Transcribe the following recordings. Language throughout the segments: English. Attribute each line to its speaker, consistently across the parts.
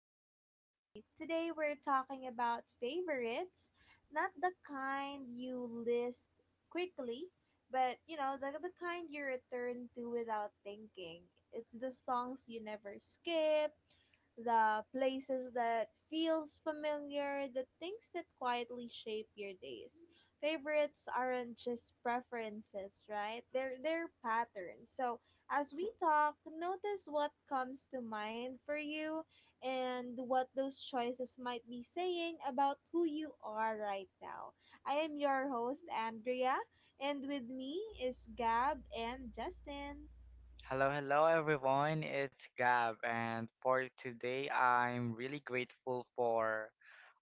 Speaker 1: Stay. Today we're talking about favorites, not the kind you list quickly, but the kind you return to without thinking. It's the songs you never skip, the places that feels familiar, the things that quietly shape your days. Favorites aren't just preferences, right? They're patterns. So as we talk, notice what comes to mind for you and what those choices might be saying about who you are right now. I am your host, Andrea, and with me is Gab and Justin.
Speaker 2: Hello, hello everyone. It's Gab, and for today, I'm really grateful for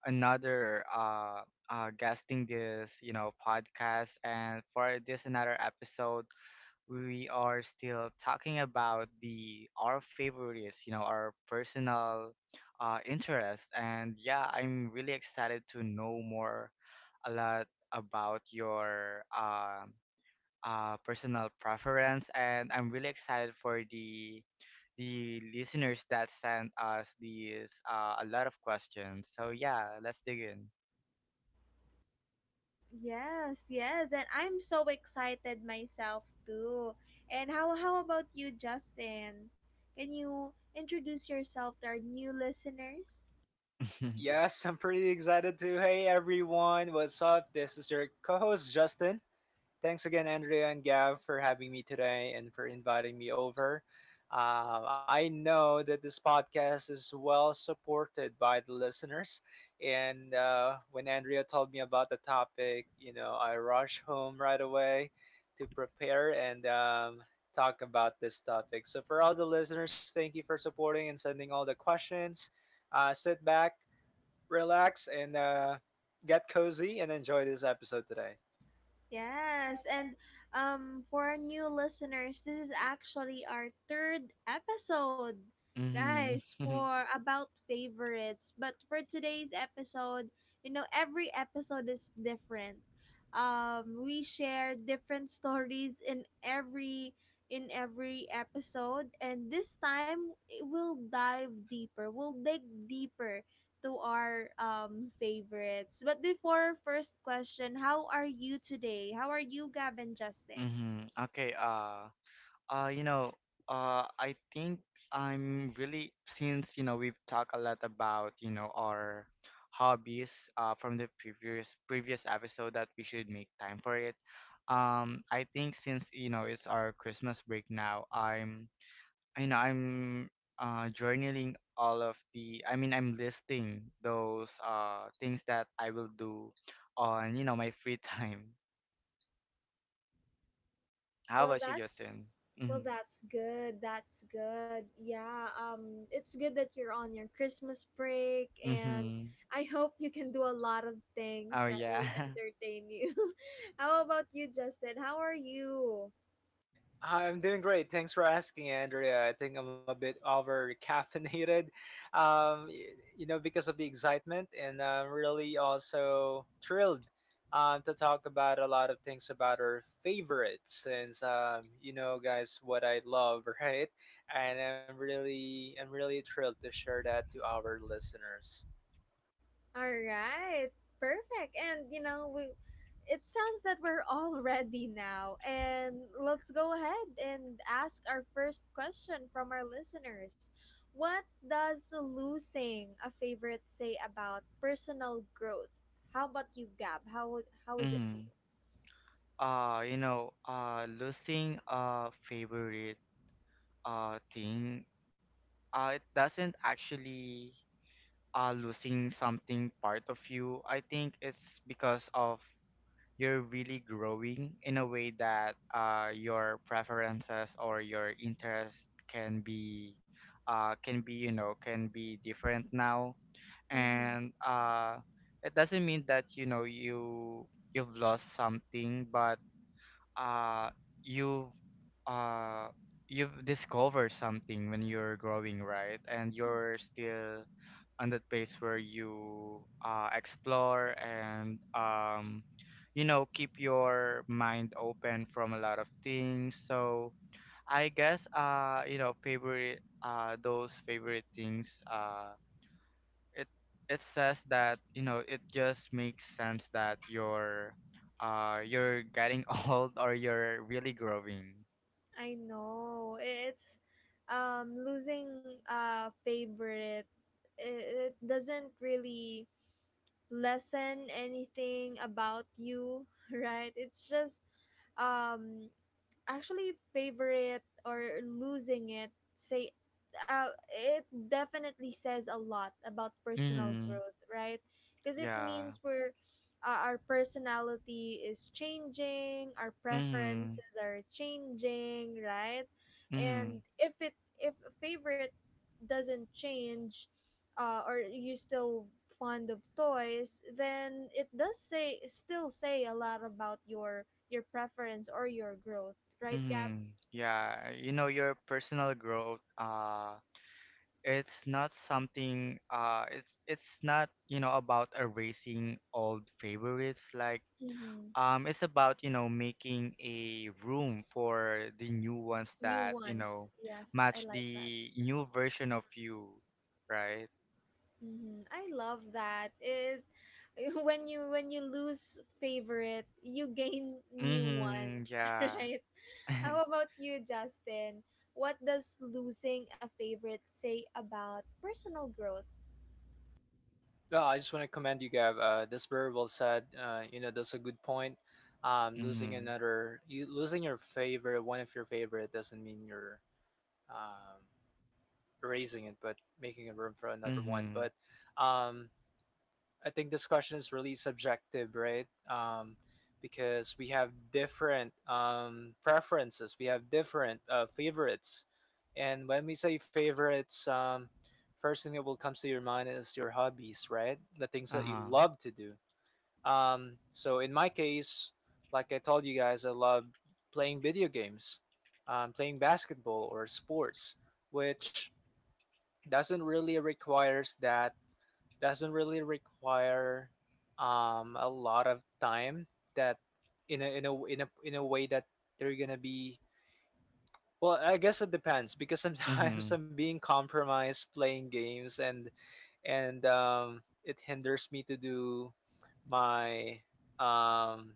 Speaker 2: another guesting this, podcast, and for this another episode, we are still talking about the our favorites, you know, our personal interests, and yeah, I'm really excited to know more a lot about your personal preference, and I'm really excited for the listeners that sent us these a lot of questions. So yeah, let's dig in.
Speaker 1: Yes, yes, and I'm so excited myself too. And how about you, Justin? Can you introduce yourself to our new listeners?
Speaker 3: Yes, I'm pretty excited too. Hey everyone, what's up? This is your co host Justin. Thanks again, Andrea and Gav, for having me today and for inviting me over. I know that this podcast is well supported by the listeners. And when Andrea told me about the topic, I rushed home right away to prepare and talk about this topic. So, for all the listeners, thank you for supporting and sending all the questions. Sit back relax, and get cozy and enjoy this episode today.
Speaker 1: Yes, and for our new listeners, this is actually our third episode,
Speaker 2: Mm-hmm.
Speaker 1: guys, for about favorites. But for today's episode, every episode is different. We share different stories in every episode, and this time we'll dive deeper. We'll dig deeper to our favorites. But before first question, how are you today? How are you, Gab and Justin?
Speaker 2: Mm-hmm. Okay. You know, I think I'm really, since, you know, we've talked a lot about, you know, our hobbies, from the previous episode that we should make time for it. I think since, you know, it's our Christmas break now, I'm journaling all of the, I mean, I'm listing those things that I will do on, you know, my free time. How
Speaker 1: Well,
Speaker 2: about you,
Speaker 1: that's
Speaker 2: Justin? Mm-hmm.
Speaker 1: that's good. That's good. Yeah. It's good that you're on your Christmas break, and
Speaker 2: Mm-hmm.
Speaker 1: I hope you can do a lot of things
Speaker 2: Oh
Speaker 1: that will
Speaker 2: yeah.
Speaker 1: entertain you. How about you, Justin? How are you?
Speaker 3: I'm doing great. Thanks for asking, Andrea. I think I'm a bit over caffeinated, um, y- because of the excitement, and I'm really also thrilled to talk about a lot of things about our favorites, since guys, what I love, right? And I'm really thrilled to share that to our listeners.
Speaker 1: All right. Perfect. And you know, we it sounds that we're all ready now. And let's go ahead and ask our first question from our listeners. What does losing a favorite say about personal growth? How about you, Gab? How is it to
Speaker 2: Mm. You know, losing a favorite thing, it doesn't actually losing something part of you. I think it's because of you're really growing in a way that your preferences or your interests can be, you know, can be different now.
Speaker 1: you? Mm-hmm.
Speaker 2: And it doesn't mean that, you know, you've lost something, but uh you've uh you've discovered something when you're growing, right? And you're still on that phase where you explore and you know keep your mind open from a lot of things. So I guess you know favorite those favorite things it it says that you know it just makes sense that you're getting old or you're really growing.
Speaker 1: I know it's losing a favorite. It doesn't really lessen anything about you, right, it's just um actually favorite or losing it say, it definitely says a lot about personal
Speaker 2: Mm-hmm.
Speaker 1: growth, right? Because it
Speaker 2: Yeah.
Speaker 1: means we're our personality is changing, our
Speaker 2: Mm-hmm.
Speaker 1: preferences are changing, right?
Speaker 2: Mm-hmm.
Speaker 1: And if a favorite doesn't change, or you still fond of toys, then it does say still say a lot about your preference or your growth, right, Gab?
Speaker 2: Mm-hmm. Yeah, you know your personal growth, it's not something it's not you know about erasing old favorites. Like,
Speaker 1: Mm-hmm.
Speaker 2: um, it's about, you know, making a room for the new ones
Speaker 1: New
Speaker 2: that, you
Speaker 1: ones.
Speaker 2: know,
Speaker 1: Yes, I
Speaker 2: match
Speaker 1: like that.
Speaker 2: the new version of you, right?
Speaker 1: Hmm, I love that. It, when you lose favorite, you gain new
Speaker 2: Mm-hmm,
Speaker 1: ones,
Speaker 2: yeah.
Speaker 1: right? How about you, Justin? What does losing a favorite say about personal growth?
Speaker 3: Well, I just want to commend you, Gab. That's very well said. That's a good point. Losing
Speaker 2: Mm-hmm,
Speaker 3: another, you losing your favorite, one of your favorite, doesn't mean you're um, erasing it, but making a room for another one.
Speaker 2: mm-hmm,
Speaker 3: But um, I think this question is really subjective, right? Because we have different preferences, we have different favorites, and when we say favorites, first thing that will come to your mind is your hobbies, right? The things that you
Speaker 2: uh-huh,
Speaker 3: love to do. So in my case, like I told you guys, I love playing video games, playing basketball or sports, which doesn't really requires that doesn't really require a lot of time that in a way that they're gonna be well, I guess it depends because
Speaker 2: mm-hmm,
Speaker 3: sometimes I'm being compromised playing games, and it hinders me to do my um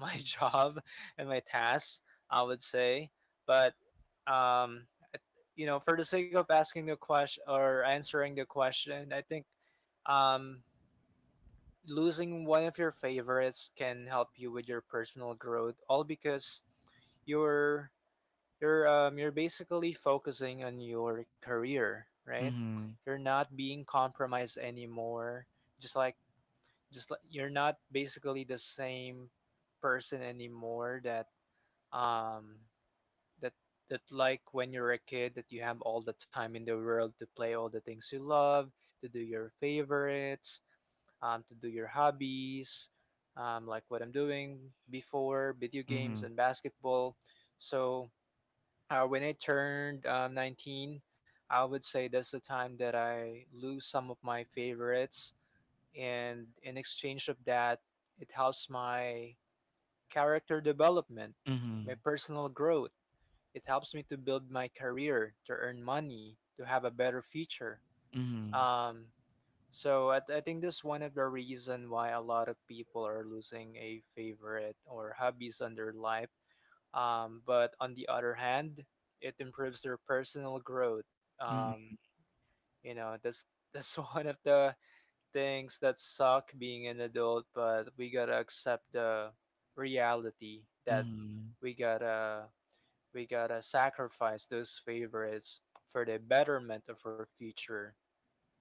Speaker 3: my job and my tasks, I would say. But um for the sake of asking the question or answering the question, I think um losing one of your favorites can help you with your personal growth, all because you're you're basically focusing on your career, right?
Speaker 2: mm-hmm,
Speaker 3: You're not being compromised anymore, just like just like you're not basically the same person anymore that um that that like when you're a kid that you have all the time in the world to play all the things you love to do, your favorites, to do your hobbies, like what I'm doing before, video games and basketball. So when I turned 19, I would say that's the time that I lose some of my favorites. And in exchange of that, it helps my character development, my
Speaker 2: mm-hmm,
Speaker 3: personal growth. It helps me to build my career, to earn money, to have a better future.
Speaker 2: mm-hmm,
Speaker 3: Um, so I think this one of the reason why a lot of people are losing a favorite or hobbies on their life. But on the other hand, it improves their personal growth.
Speaker 2: mm-hmm,
Speaker 3: Um,
Speaker 2: mm-hmm,
Speaker 3: you know, that's that's one of the things that suck being an adult, but we gotta accept the reality that
Speaker 2: mm-hmm,
Speaker 3: we gotta we gotta sacrifice those favorites for the betterment of our future,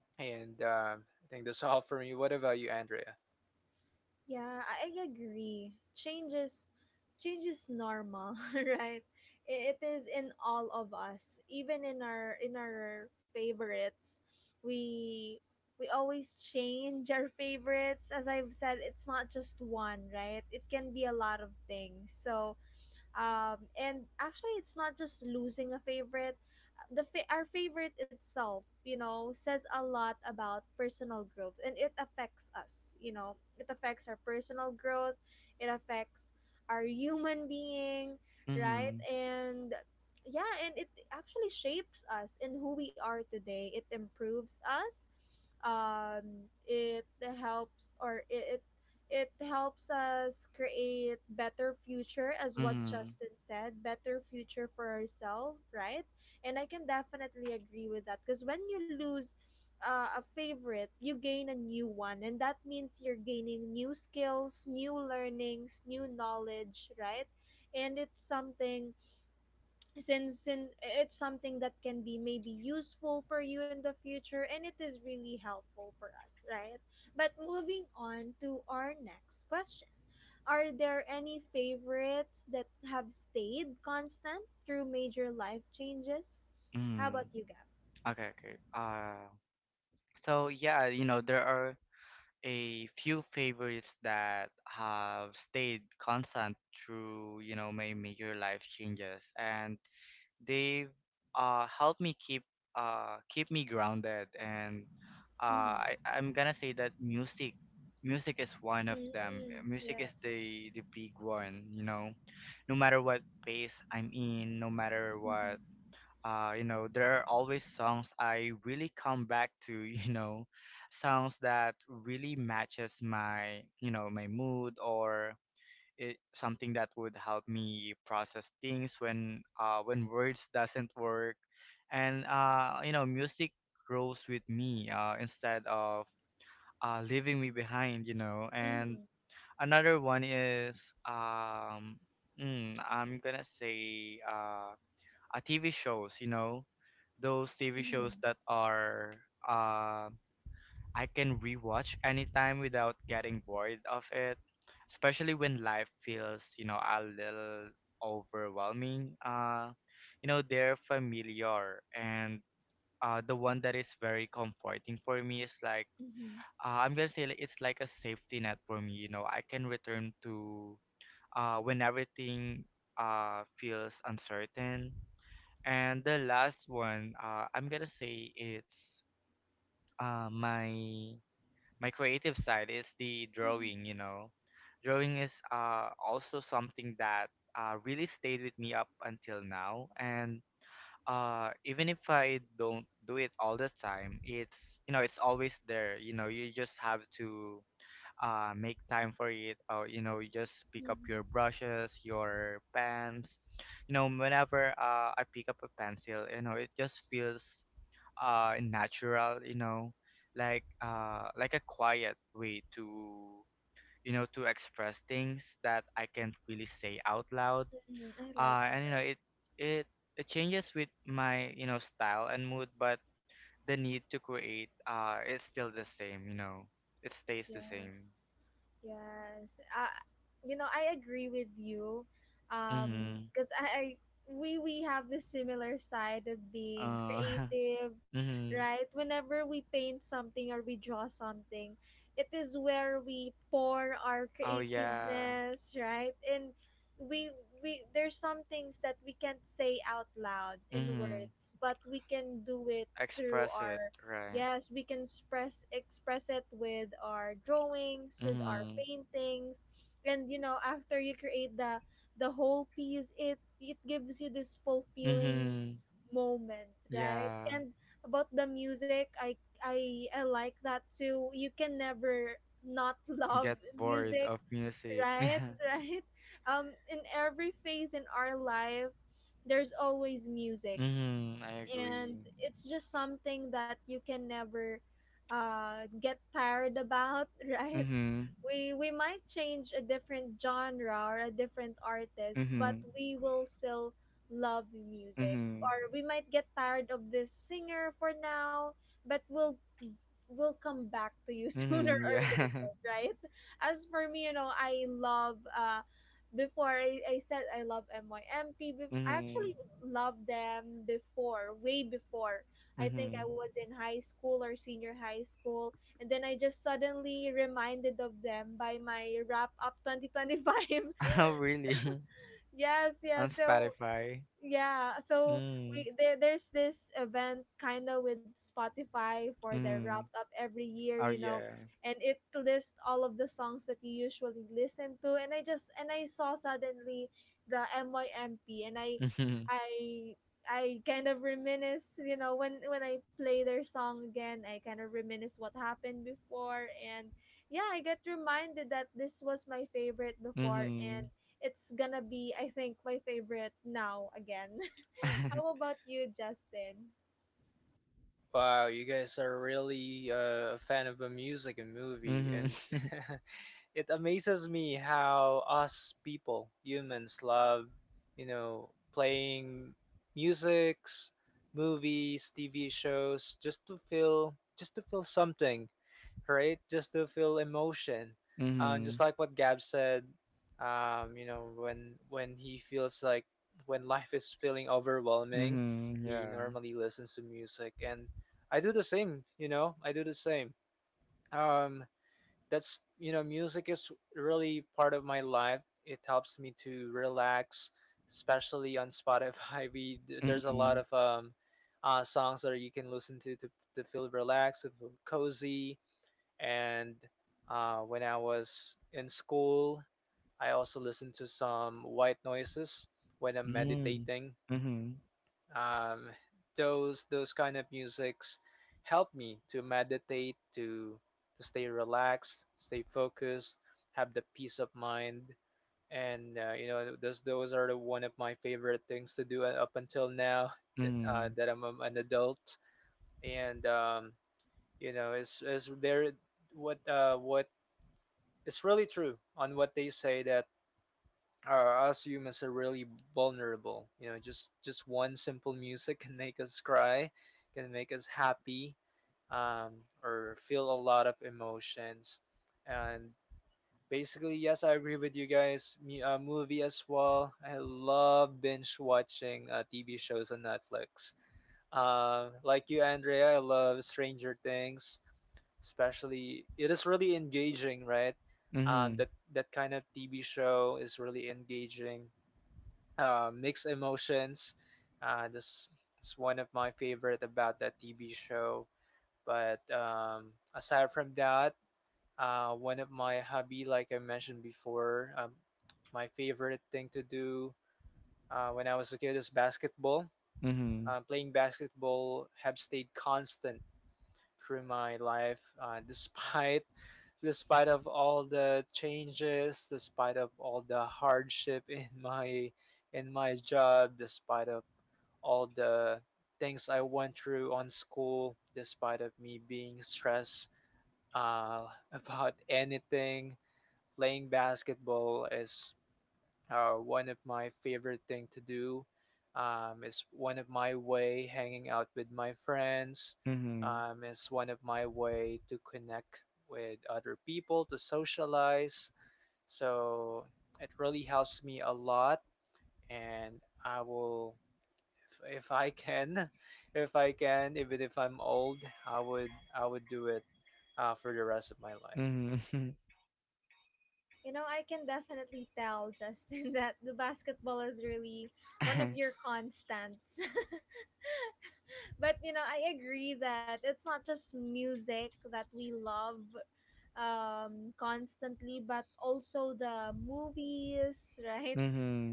Speaker 3: and I think that's all for me. What about you, Andrea?
Speaker 1: Yeah, I agree. Change is normal, right? It is in all of us, even in our favorites. We we always change our favorites. As I've said, it's not just one, right? It can be a lot of things. So and actually, it's not just losing a favorite. Our favorite itself, says a lot about personal growth, and it affects us. It affects our personal growth. It affects our human being, right?
Speaker 2: mm-hmm,
Speaker 1: And yeah, and it actually shapes us in who we are today. It improves us, um, it helps, or it helps us create better future as what
Speaker 2: mm-hmm.
Speaker 1: Justin said, better future for ourselves, right? And I can definitely agree with that because when you lose a favorite, you gain a new one, and that means you're gaining new skills, new learnings, new knowledge, right? And it's something it's something that can be maybe useful for you in the future, and it is really helpful for us, right? But moving on to our next question, are there any favorites that have stayed constant through major life changes? How about
Speaker 2: Mm-hmm.
Speaker 1: you, Gab?
Speaker 2: Okay, okay. So yeah, you know, there are a few favorites that have stayed constant through you know my major life changes and they've helped me keep keep me grounded. And I,
Speaker 1: Mm-hmm.
Speaker 2: I'm gonna say that music is one of them.
Speaker 1: Mm-hmm.
Speaker 2: Music is
Speaker 1: Yes.
Speaker 2: the big one, you know, no matter what pace I'm in, no matter what.
Speaker 1: Mm-hmm.
Speaker 2: You know, there are always songs I really come back to, you know, songs that really matches my, you know, my mood, or something that would help me process things when words doesn't work. And you know music grows with me, instead of leaving me behind, you know. And
Speaker 1: Mm-hmm.
Speaker 2: another one is I'm gonna say TV shows. You know, those TV
Speaker 1: Mm-hmm.
Speaker 2: shows that are, uh, I can rewatch anytime without getting bored of it, especially when life feels, you know, a little overwhelming. You know, they're familiar, and the one that is very comforting for me is like,
Speaker 1: Mm-hmm.
Speaker 2: I'm gonna say, like, it's like a safety net for me. You know, I can return to when everything feels uncertain. And the last one, I'm gonna say it's my creative side is the
Speaker 1: Mm-hmm.
Speaker 2: drawing. You know, drawing is, also something that, really stayed with me up until now. And, even if I don't do it all the time, it's, you know, it's always there. You know, you just have to, make time for it, or you know, you just pick up
Speaker 1: Mm-hmm.
Speaker 2: your brushes, your pens, you know. Whenever, I pick up a pencil, you know, it just feels, natural, you know, like, like a quiet way to, you know, to express things that I can't really say out loud.
Speaker 1: I like that.
Speaker 2: And you know it it changes with my, you know, style and mood, but the need to create is still the same, you know. It stays the same.
Speaker 1: Yes. Yes. You know, I agree with you.
Speaker 2: Mhm.
Speaker 1: Because I we have this similar side of being
Speaker 2: Uh,
Speaker 1: creative,
Speaker 2: mm-hmm,
Speaker 1: right? Whenever we paint something or we draw something, it is where we pour our
Speaker 2: oh yeah,
Speaker 1: creativeness, right? And we we there's some things that we can't say out loud in
Speaker 2: mm-hmm,
Speaker 1: words, but we can do it through
Speaker 2: express it,
Speaker 1: our.
Speaker 2: right?
Speaker 1: Yes, we can express it with our drawings, with our
Speaker 2: Mm-hmm,
Speaker 1: paintings, and after you create the whole piece, it gives you this fulfilling
Speaker 2: mm-hmm,
Speaker 1: moment, right?
Speaker 2: yeah,
Speaker 1: And about the music, I like that too. You can never not love
Speaker 2: get bored
Speaker 1: music,
Speaker 2: of music.
Speaker 1: right? Right? In every phase in our life, there's always music,
Speaker 2: Mm-hmm, I
Speaker 1: and
Speaker 2: agree.
Speaker 1: it's just something that you can never get tired about, right?
Speaker 2: Mm-hmm,
Speaker 1: We might change a different genre or a different artist, but
Speaker 2: mm-hmm,
Speaker 1: we will still love music,
Speaker 2: mm-hmm,
Speaker 1: or we might get tired of this singer for now, but we'll will come back to you sooner
Speaker 2: mm,
Speaker 1: or
Speaker 2: yeah.
Speaker 1: later, right? As for me, you know, I love before I said I love MYMP. I
Speaker 2: Mm-hmm,
Speaker 1: actually loved them before, way before. I think
Speaker 2: mm-hmm,
Speaker 1: I was in high school or senior high school, and then I just suddenly reminded of them by my wrap up 2025.
Speaker 2: oh really?
Speaker 1: Yes,
Speaker 2: On
Speaker 1: yes. So
Speaker 2: Spotify?
Speaker 1: yeah so
Speaker 2: Mm-hmm,
Speaker 1: there's this event kind of with Spotify for their
Speaker 2: mm-hmm,
Speaker 1: wrapped up every year
Speaker 2: oh
Speaker 1: you know
Speaker 2: yeah.
Speaker 1: and it lists all of the songs that you usually listen to and I just and I saw suddenly the MYMP, and
Speaker 2: Mm-hmm,
Speaker 1: i I kind of reminisce, when I play their song again I kind of reminisce what happened before. And yeah, I get reminded that this was my favorite before,
Speaker 2: mm-hmm,
Speaker 1: and it's gonna be, I think, my favorite now again. How about you, Justin?
Speaker 3: Wow, you guys are really a fan of a music and movie,
Speaker 2: mm-hmm,
Speaker 3: and it amazes me how us people, humans, love, playing musics, movies, TV shows, just to feel something, right? Just to feel emotion.
Speaker 2: mm-hmm,
Speaker 3: Just like what Gab said, when he feels like, when life is feeling overwhelming,
Speaker 2: mm,
Speaker 3: he
Speaker 2: yeah.
Speaker 3: normally listens to music, and I do the same, I do the same. Um, Music is really part of my life. It helps me to relax, especially on Spotify. We There's a
Speaker 2: Mm-hmm.
Speaker 3: lot of songs that you can listen to, to feel relaxed, to feel cozy. And when I was in school, I also listened to some white noises when I'm
Speaker 2: Mm.
Speaker 3: meditating.
Speaker 2: Mhm.
Speaker 3: Um, those kind of musics help me to meditate, to stay relaxed, stay focused, have the peace of mind, and those are the, one of my favorite things to do up until now that, uh,
Speaker 2: Mhm.
Speaker 3: that I'm an adult, and is there, what what it's really true on what they say that or us humans are really vulnerable. You know, just one simple music can make us cry, can make us happy, or feel a lot of emotions, and basically, yes, I agree with you guys. Me, movie as well. I love binge watching TV shows on Netflix. Like you, Andrea, I love Stranger Things. Especially, it is really engaging, right? Um,
Speaker 2: Mhm.
Speaker 3: that that kind of TV show is really engaging. Mixed emotions. This is one of my favorite about that TV show. But aside from that, one of my hobby, like I mentioned before, my favorite thing to do when I was a kid is basketball.
Speaker 2: Mhm.
Speaker 3: Playing basketball have stayed constant through my life, despite despite of all the changes, despite of all the hardship in my job, despite of all the things I went through on school, despite of me being stressed uh, about anything. Playing basketball is one of my favorite thing to do. It's one of my way hanging out with my friends.
Speaker 2: Mhm.
Speaker 3: It's one of my way to connect with other people to socialize. So it really helps me a lot, and I will, if I can, if I can, even if I'm old, I would do it for the rest of my life.
Speaker 2: Mhm.
Speaker 1: I can definitely tell, Justin, that the basketball is really one of your constants. But I agree that it's not just music that we love constantly, but also the movies, right?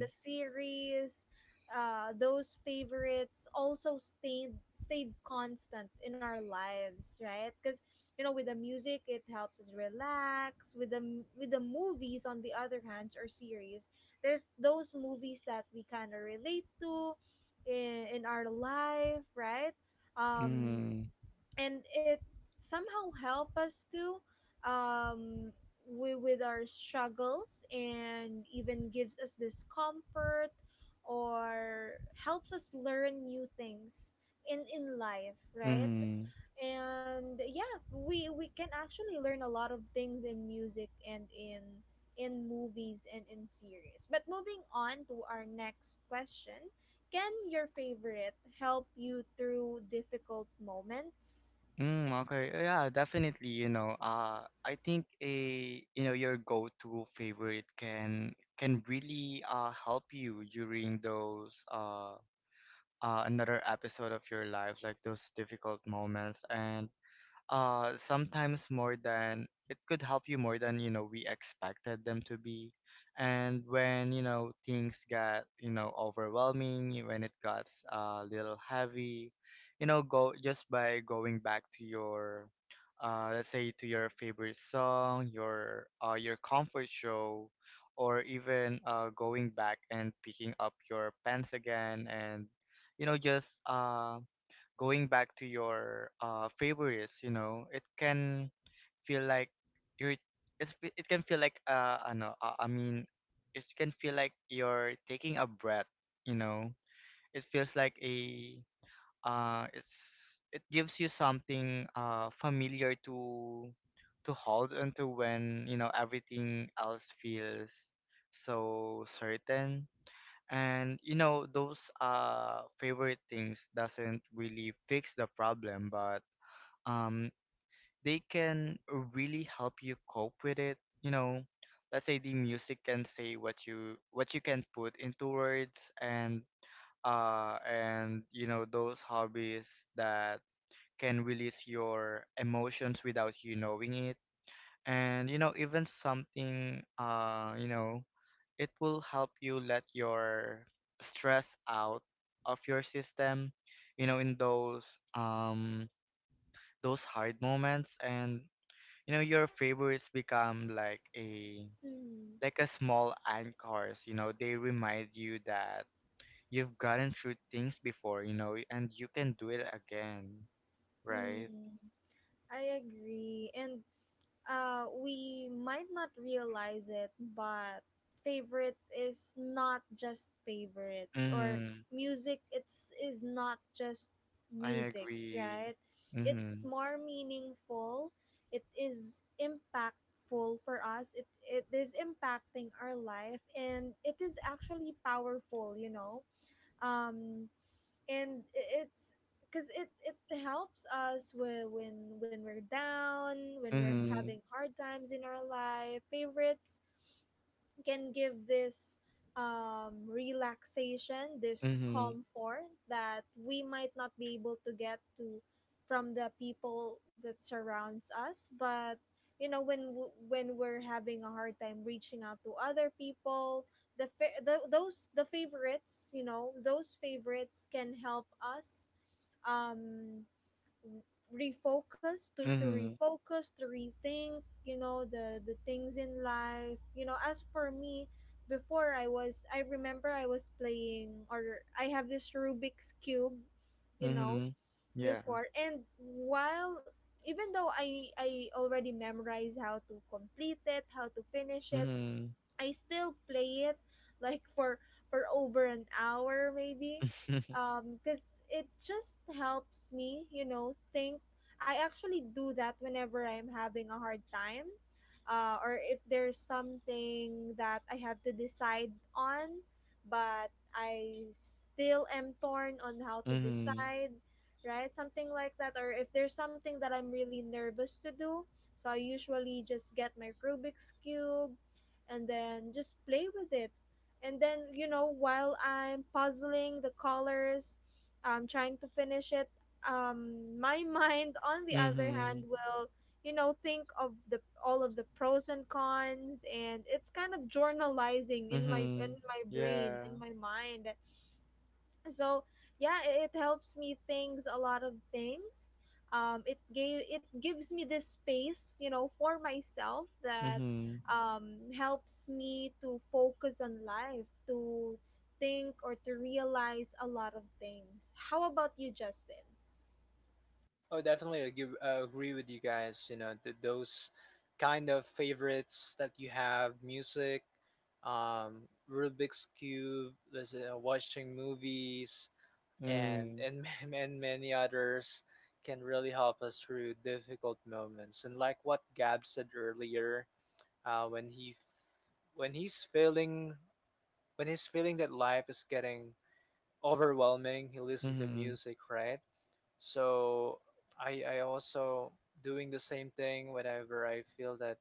Speaker 1: The series, those favorites also stayed constant in our lives, right? Because with the music, it helps us relax. With with the movies, on the other hand, or series, there's those movies that we kind of relate to in our life, right? um,
Speaker 2: Mhm.
Speaker 1: and it somehow help us to um, with our struggles and even gives us this comfort or helps us learn new things in life, right?
Speaker 2: Mhm.
Speaker 1: And yeah, we can actually learn a lot of things in music and in movies and in series. But moving on to our next question, can your favorite help you through difficult moments?
Speaker 2: Mm, okay. Yeah, definitely, you know, I think a you know your go-to favorite can really help you during those another episode of your life, like those difficult moments. And sometimes more than it could help you, more than you know we expected them to be. And when you know things got, you know, overwhelming, when it got a little heavy, you know, go just by going back to your, let's say to your favorite song, your comfort show, or even going back and picking up your pens again. And you know, just going back to your favorites, you know, it can feel like you're it's, it can feel like, I mean, it can feel like you're taking a breath, you know. It feels like a, uh it's it gives you something, familiar to hold onto when, you know, everything else feels so certain. And you know, those favorite things doesn't really fix the problem, but um they can really help you cope with it, you know. Let's say the music can say what you, what you can put into words. And and you know, those hobbies that can release your emotions without you knowing it. And you know, even something, you know, it will help you let your stress out of your system, you know, in those, um those hard moments. And you know your favorites become like a,
Speaker 1: Hmm.
Speaker 2: like a small anchors, you know. They remind you that you've gotten through things before, you know, and you can do it again, right?
Speaker 1: Hmm. I agree. And, we might not realize it, but favorites is not just favorites, or
Speaker 2: Mhm.
Speaker 1: music it's is not just
Speaker 2: I
Speaker 1: music,
Speaker 2: agree.
Speaker 1: right? It's
Speaker 2: Mhm.
Speaker 1: more meaningful. It is impactful for us. It is impacting our life, and it is actually powerful. You know, um, and it's because it helps us, when, when we're down, when we're
Speaker 2: Mhm.
Speaker 1: having hard times in our life, favorites can give this relaxation, this
Speaker 2: Mhm.
Speaker 1: comfort that we might not be able to get to from the people that surrounds us. But when when we're having a hard time reaching out to other people, the favorites, those favorites can help us um, refocus to
Speaker 2: Mhm.
Speaker 1: refocus to rethink, the things in life. As for me, before I remember I was playing, or I have this Rubik's cube, you know
Speaker 2: Mhm. Yeah.
Speaker 1: before, and while even though I already memorized how to complete it, how to finish it,
Speaker 2: Mhm.
Speaker 1: I still play it like for over an hour maybe, cuz it just helps me, you know, think. I actually do that whenever I'm having a hard time, or if there's something that I have to decide on, but I still am torn on how to
Speaker 2: Mhm.
Speaker 1: decide, right? Something like that, or if there's something that I'm really nervous to do, so I usually just get my Rubik's cube and then just play with it. And then, while I'm puzzling the colors, trying to finish it, my mind, on the other hand,
Speaker 2: Mhm.
Speaker 1: will, think of the all of the pros and cons, and it's kind of journalizing in my
Speaker 2: Mhm.
Speaker 1: brain,
Speaker 2: Yeah.
Speaker 1: in my mind. So yeah, it helps me things a lot of things. It gave it gives me this space, you know, for myself that
Speaker 2: Mhm.
Speaker 1: helps me to focus on life, to think or to realize a lot of things. How about you, Justin?
Speaker 3: Oh, definitely I agree with you guys. You know, those kind of favorites that you have, music, um, Rubik's cube, watching movies, and
Speaker 2: Mm.
Speaker 3: and many others can really help us through difficult moments. And like what Gab said earlier, uh, when he f- when he's feeling that life is getting overwhelming, he listen to
Speaker 2: Mhm.
Speaker 3: music, right? So I also doing the same thing whenever I feel that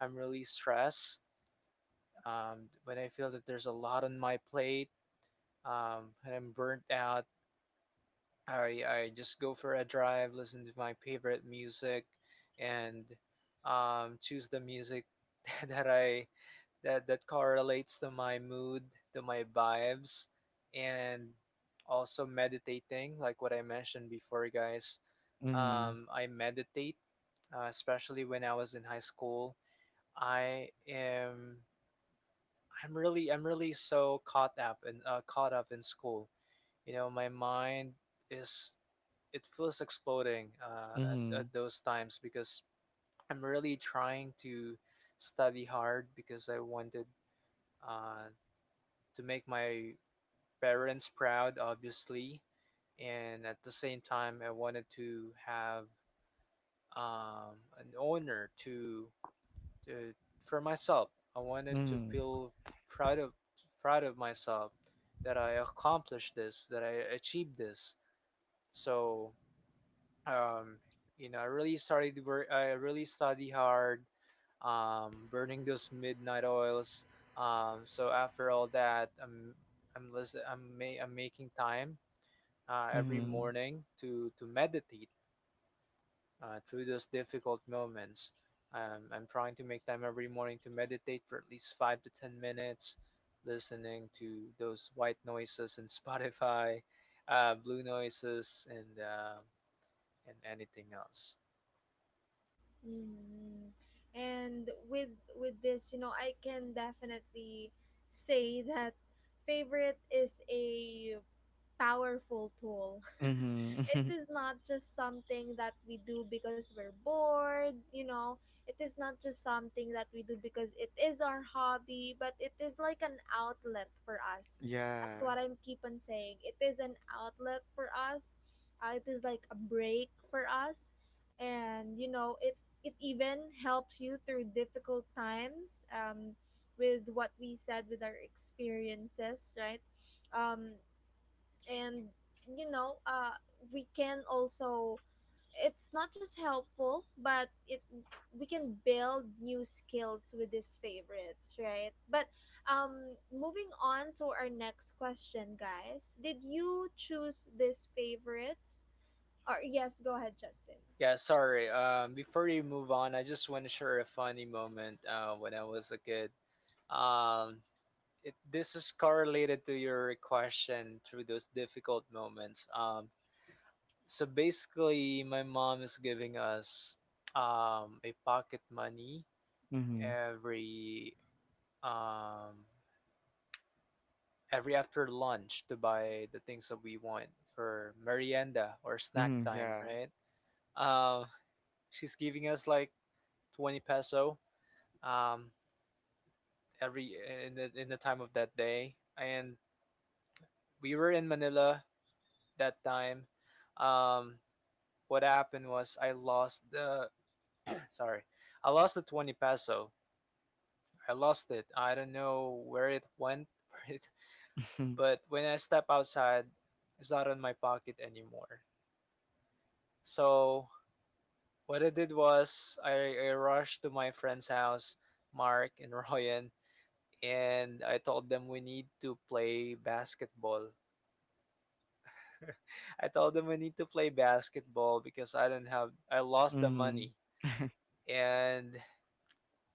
Speaker 3: I'm really stressed. When I feel that there's a lot on my plate and I'm burnt out, I just go for a drive, listen to my favorite music, and choose the music that I that that correlates to my mood, to my vibes, and also meditating, like what I mentioned before, guys.
Speaker 2: Mhm.
Speaker 3: I meditate, especially when I was in high school. I am I'm really so caught up and caught up in school. You know, my mind is it feels exploding at
Speaker 2: Mhm.
Speaker 3: those times because I'm really trying to study hard because I wanted uh, to make my parents proud, obviously. And at the same time, I wanted to have an honor to for myself. I wanted to
Speaker 2: Mhm.
Speaker 3: feel proud of proud of myself that I accomplished this, that I achieved this. So um, I really started to work. I really study hard, burning those midnight oils. So after all that, I'm lis- I'm, ma- I'm making time every
Speaker 2: Mhm.
Speaker 3: morning to meditate through those difficult moments. I'm trying to make time every morning to meditate for at least 5 to 10 minutes, listening to those white noises in Spotify, blue noises, and anything else.
Speaker 1: Mm. And with this, I can definitely say that favorite is a powerful tool.
Speaker 2: Mhm.
Speaker 1: it, is not just something that we do because we're bored. You know. It is not just something that we do because it is our hobby, but it is like an outlet for us.
Speaker 2: Yeah.
Speaker 1: That's what I'm keep on saying. It is an outlet for us. It is like a break for us, and it even helps you through difficult times, with what we said with our experiences, right? um, and you know uh, we can also, it's not just helpful, but it we can build new skills with these favorites, right? But um moving on to our next question, guys, did you choose these favorites, or, yes, go ahead, Justin.
Speaker 3: Yeah, sorry. Before you move on, I just want to share a funny moment when I was a kid. Um, this is correlated to your question through those difficult moments. So basically, my mom is giving us a pocket money
Speaker 2: Mhm.
Speaker 3: every um, every after lunch to buy the things that we want for merienda or snack
Speaker 2: Mhm.
Speaker 3: time,
Speaker 2: Yeah.
Speaker 3: right? Um, she's giving us like 20 peso. Um, every In the time of that day, and we were in Manila that time. Um, what happened was I lost the sorry, I lost the 20 peso. I lost it. I don't know where it went, but when I step outside, it's not in my pocket anymore. So what I did was I rushed to my friend's house, Mark and Ryan, and I told them we need to play basketball. I told them I need to play basketball because I don't have, I
Speaker 2: Mhm.
Speaker 3: lost the
Speaker 2: Mhm.
Speaker 3: money, and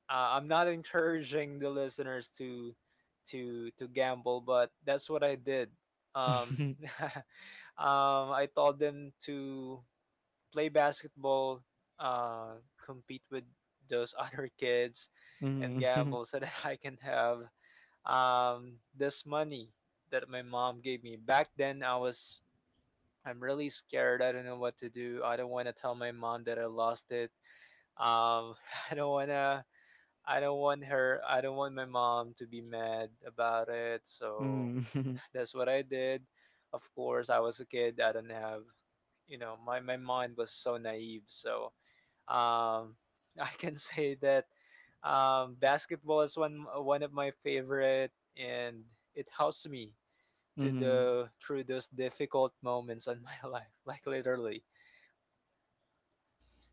Speaker 3: I'm not encouraging the listeners to gamble, but that's what I did. um I told them to play basketball compete with those other kids and
Speaker 2: Mhm.
Speaker 3: gamble so that I can have this money that my mom gave me back then. I'm really scared. I don't know what to do. I don't want to tell my mom that I lost it. Um, I don't wanna. I don't want her. I don't want my mom to be mad about it. So
Speaker 2: Mhm. Mhm.
Speaker 3: that's what I did. Of course, I was a kid. I don't have, you know, my mind was so naive. So um, I can say that basketball is one of my favorite, and it helps me to
Speaker 2: Mhm.
Speaker 3: the through those difficult moments in my life, like literally.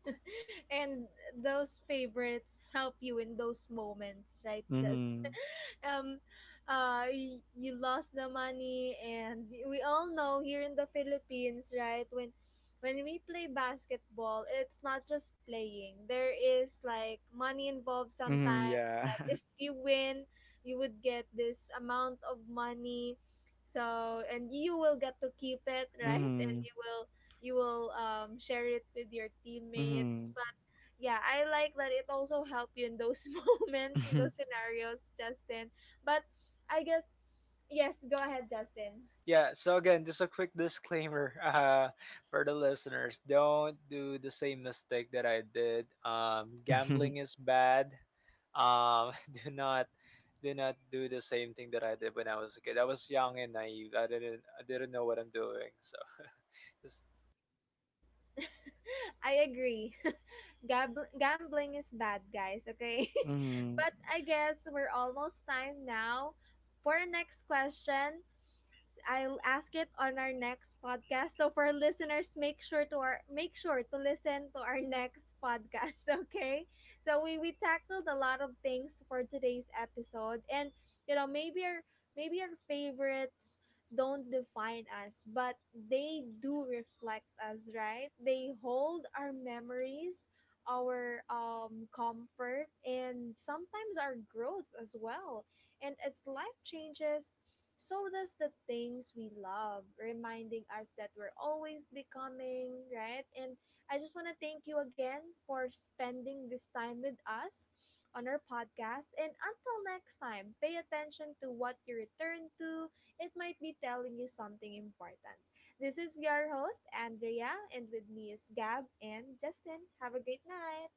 Speaker 1: And those favorites help you in those moments, right? Just
Speaker 2: Mhm.
Speaker 1: um you lost the money, and we all know here in the Philippines, right? When we play basketball, it's not just playing. There is like money involved
Speaker 2: Mm,
Speaker 1: sometimes
Speaker 2: yeah.
Speaker 1: that if you win, you would get this amount of money. So, and you will get to keep it, right? And
Speaker 2: Mhm.
Speaker 1: you will share it with your teammates.
Speaker 2: Mhm.
Speaker 1: But yeah, I like that it also helped you in those moments, in those scenarios, Justin. But I guess, yes, go ahead, Justin.
Speaker 3: Yeah, so again, just a quick disclaimer for the listeners, don't do the same mistake that I did.
Speaker 2: Mhm.
Speaker 3: Gambling is bad. um, do not do not do the same thing that I did when I was a kid. I was young and naive. I didn't know what I'm doing. So just
Speaker 1: I agree. Gambling is bad, guys, okay?
Speaker 2: Mhm.
Speaker 1: But I guess we're almost time now for our next question. I'll ask it on our next podcast. So for our listeners, make sure to listen to our next podcast, okay? So we tackled a lot of things for today's episode, and maybe our favorites don't define us, but they do reflect us, right? They hold our memories, our comfort, and sometimes our growth as well. And as life changes, so does the things we love, reminding us that we're always becoming, right? And I just want to thank you again for spending this time with us on our podcast. And until next time, pay attention to what you return to. It might be telling you something important. This is your host, Andrea, and with me is Gab and Justin. Have a great night.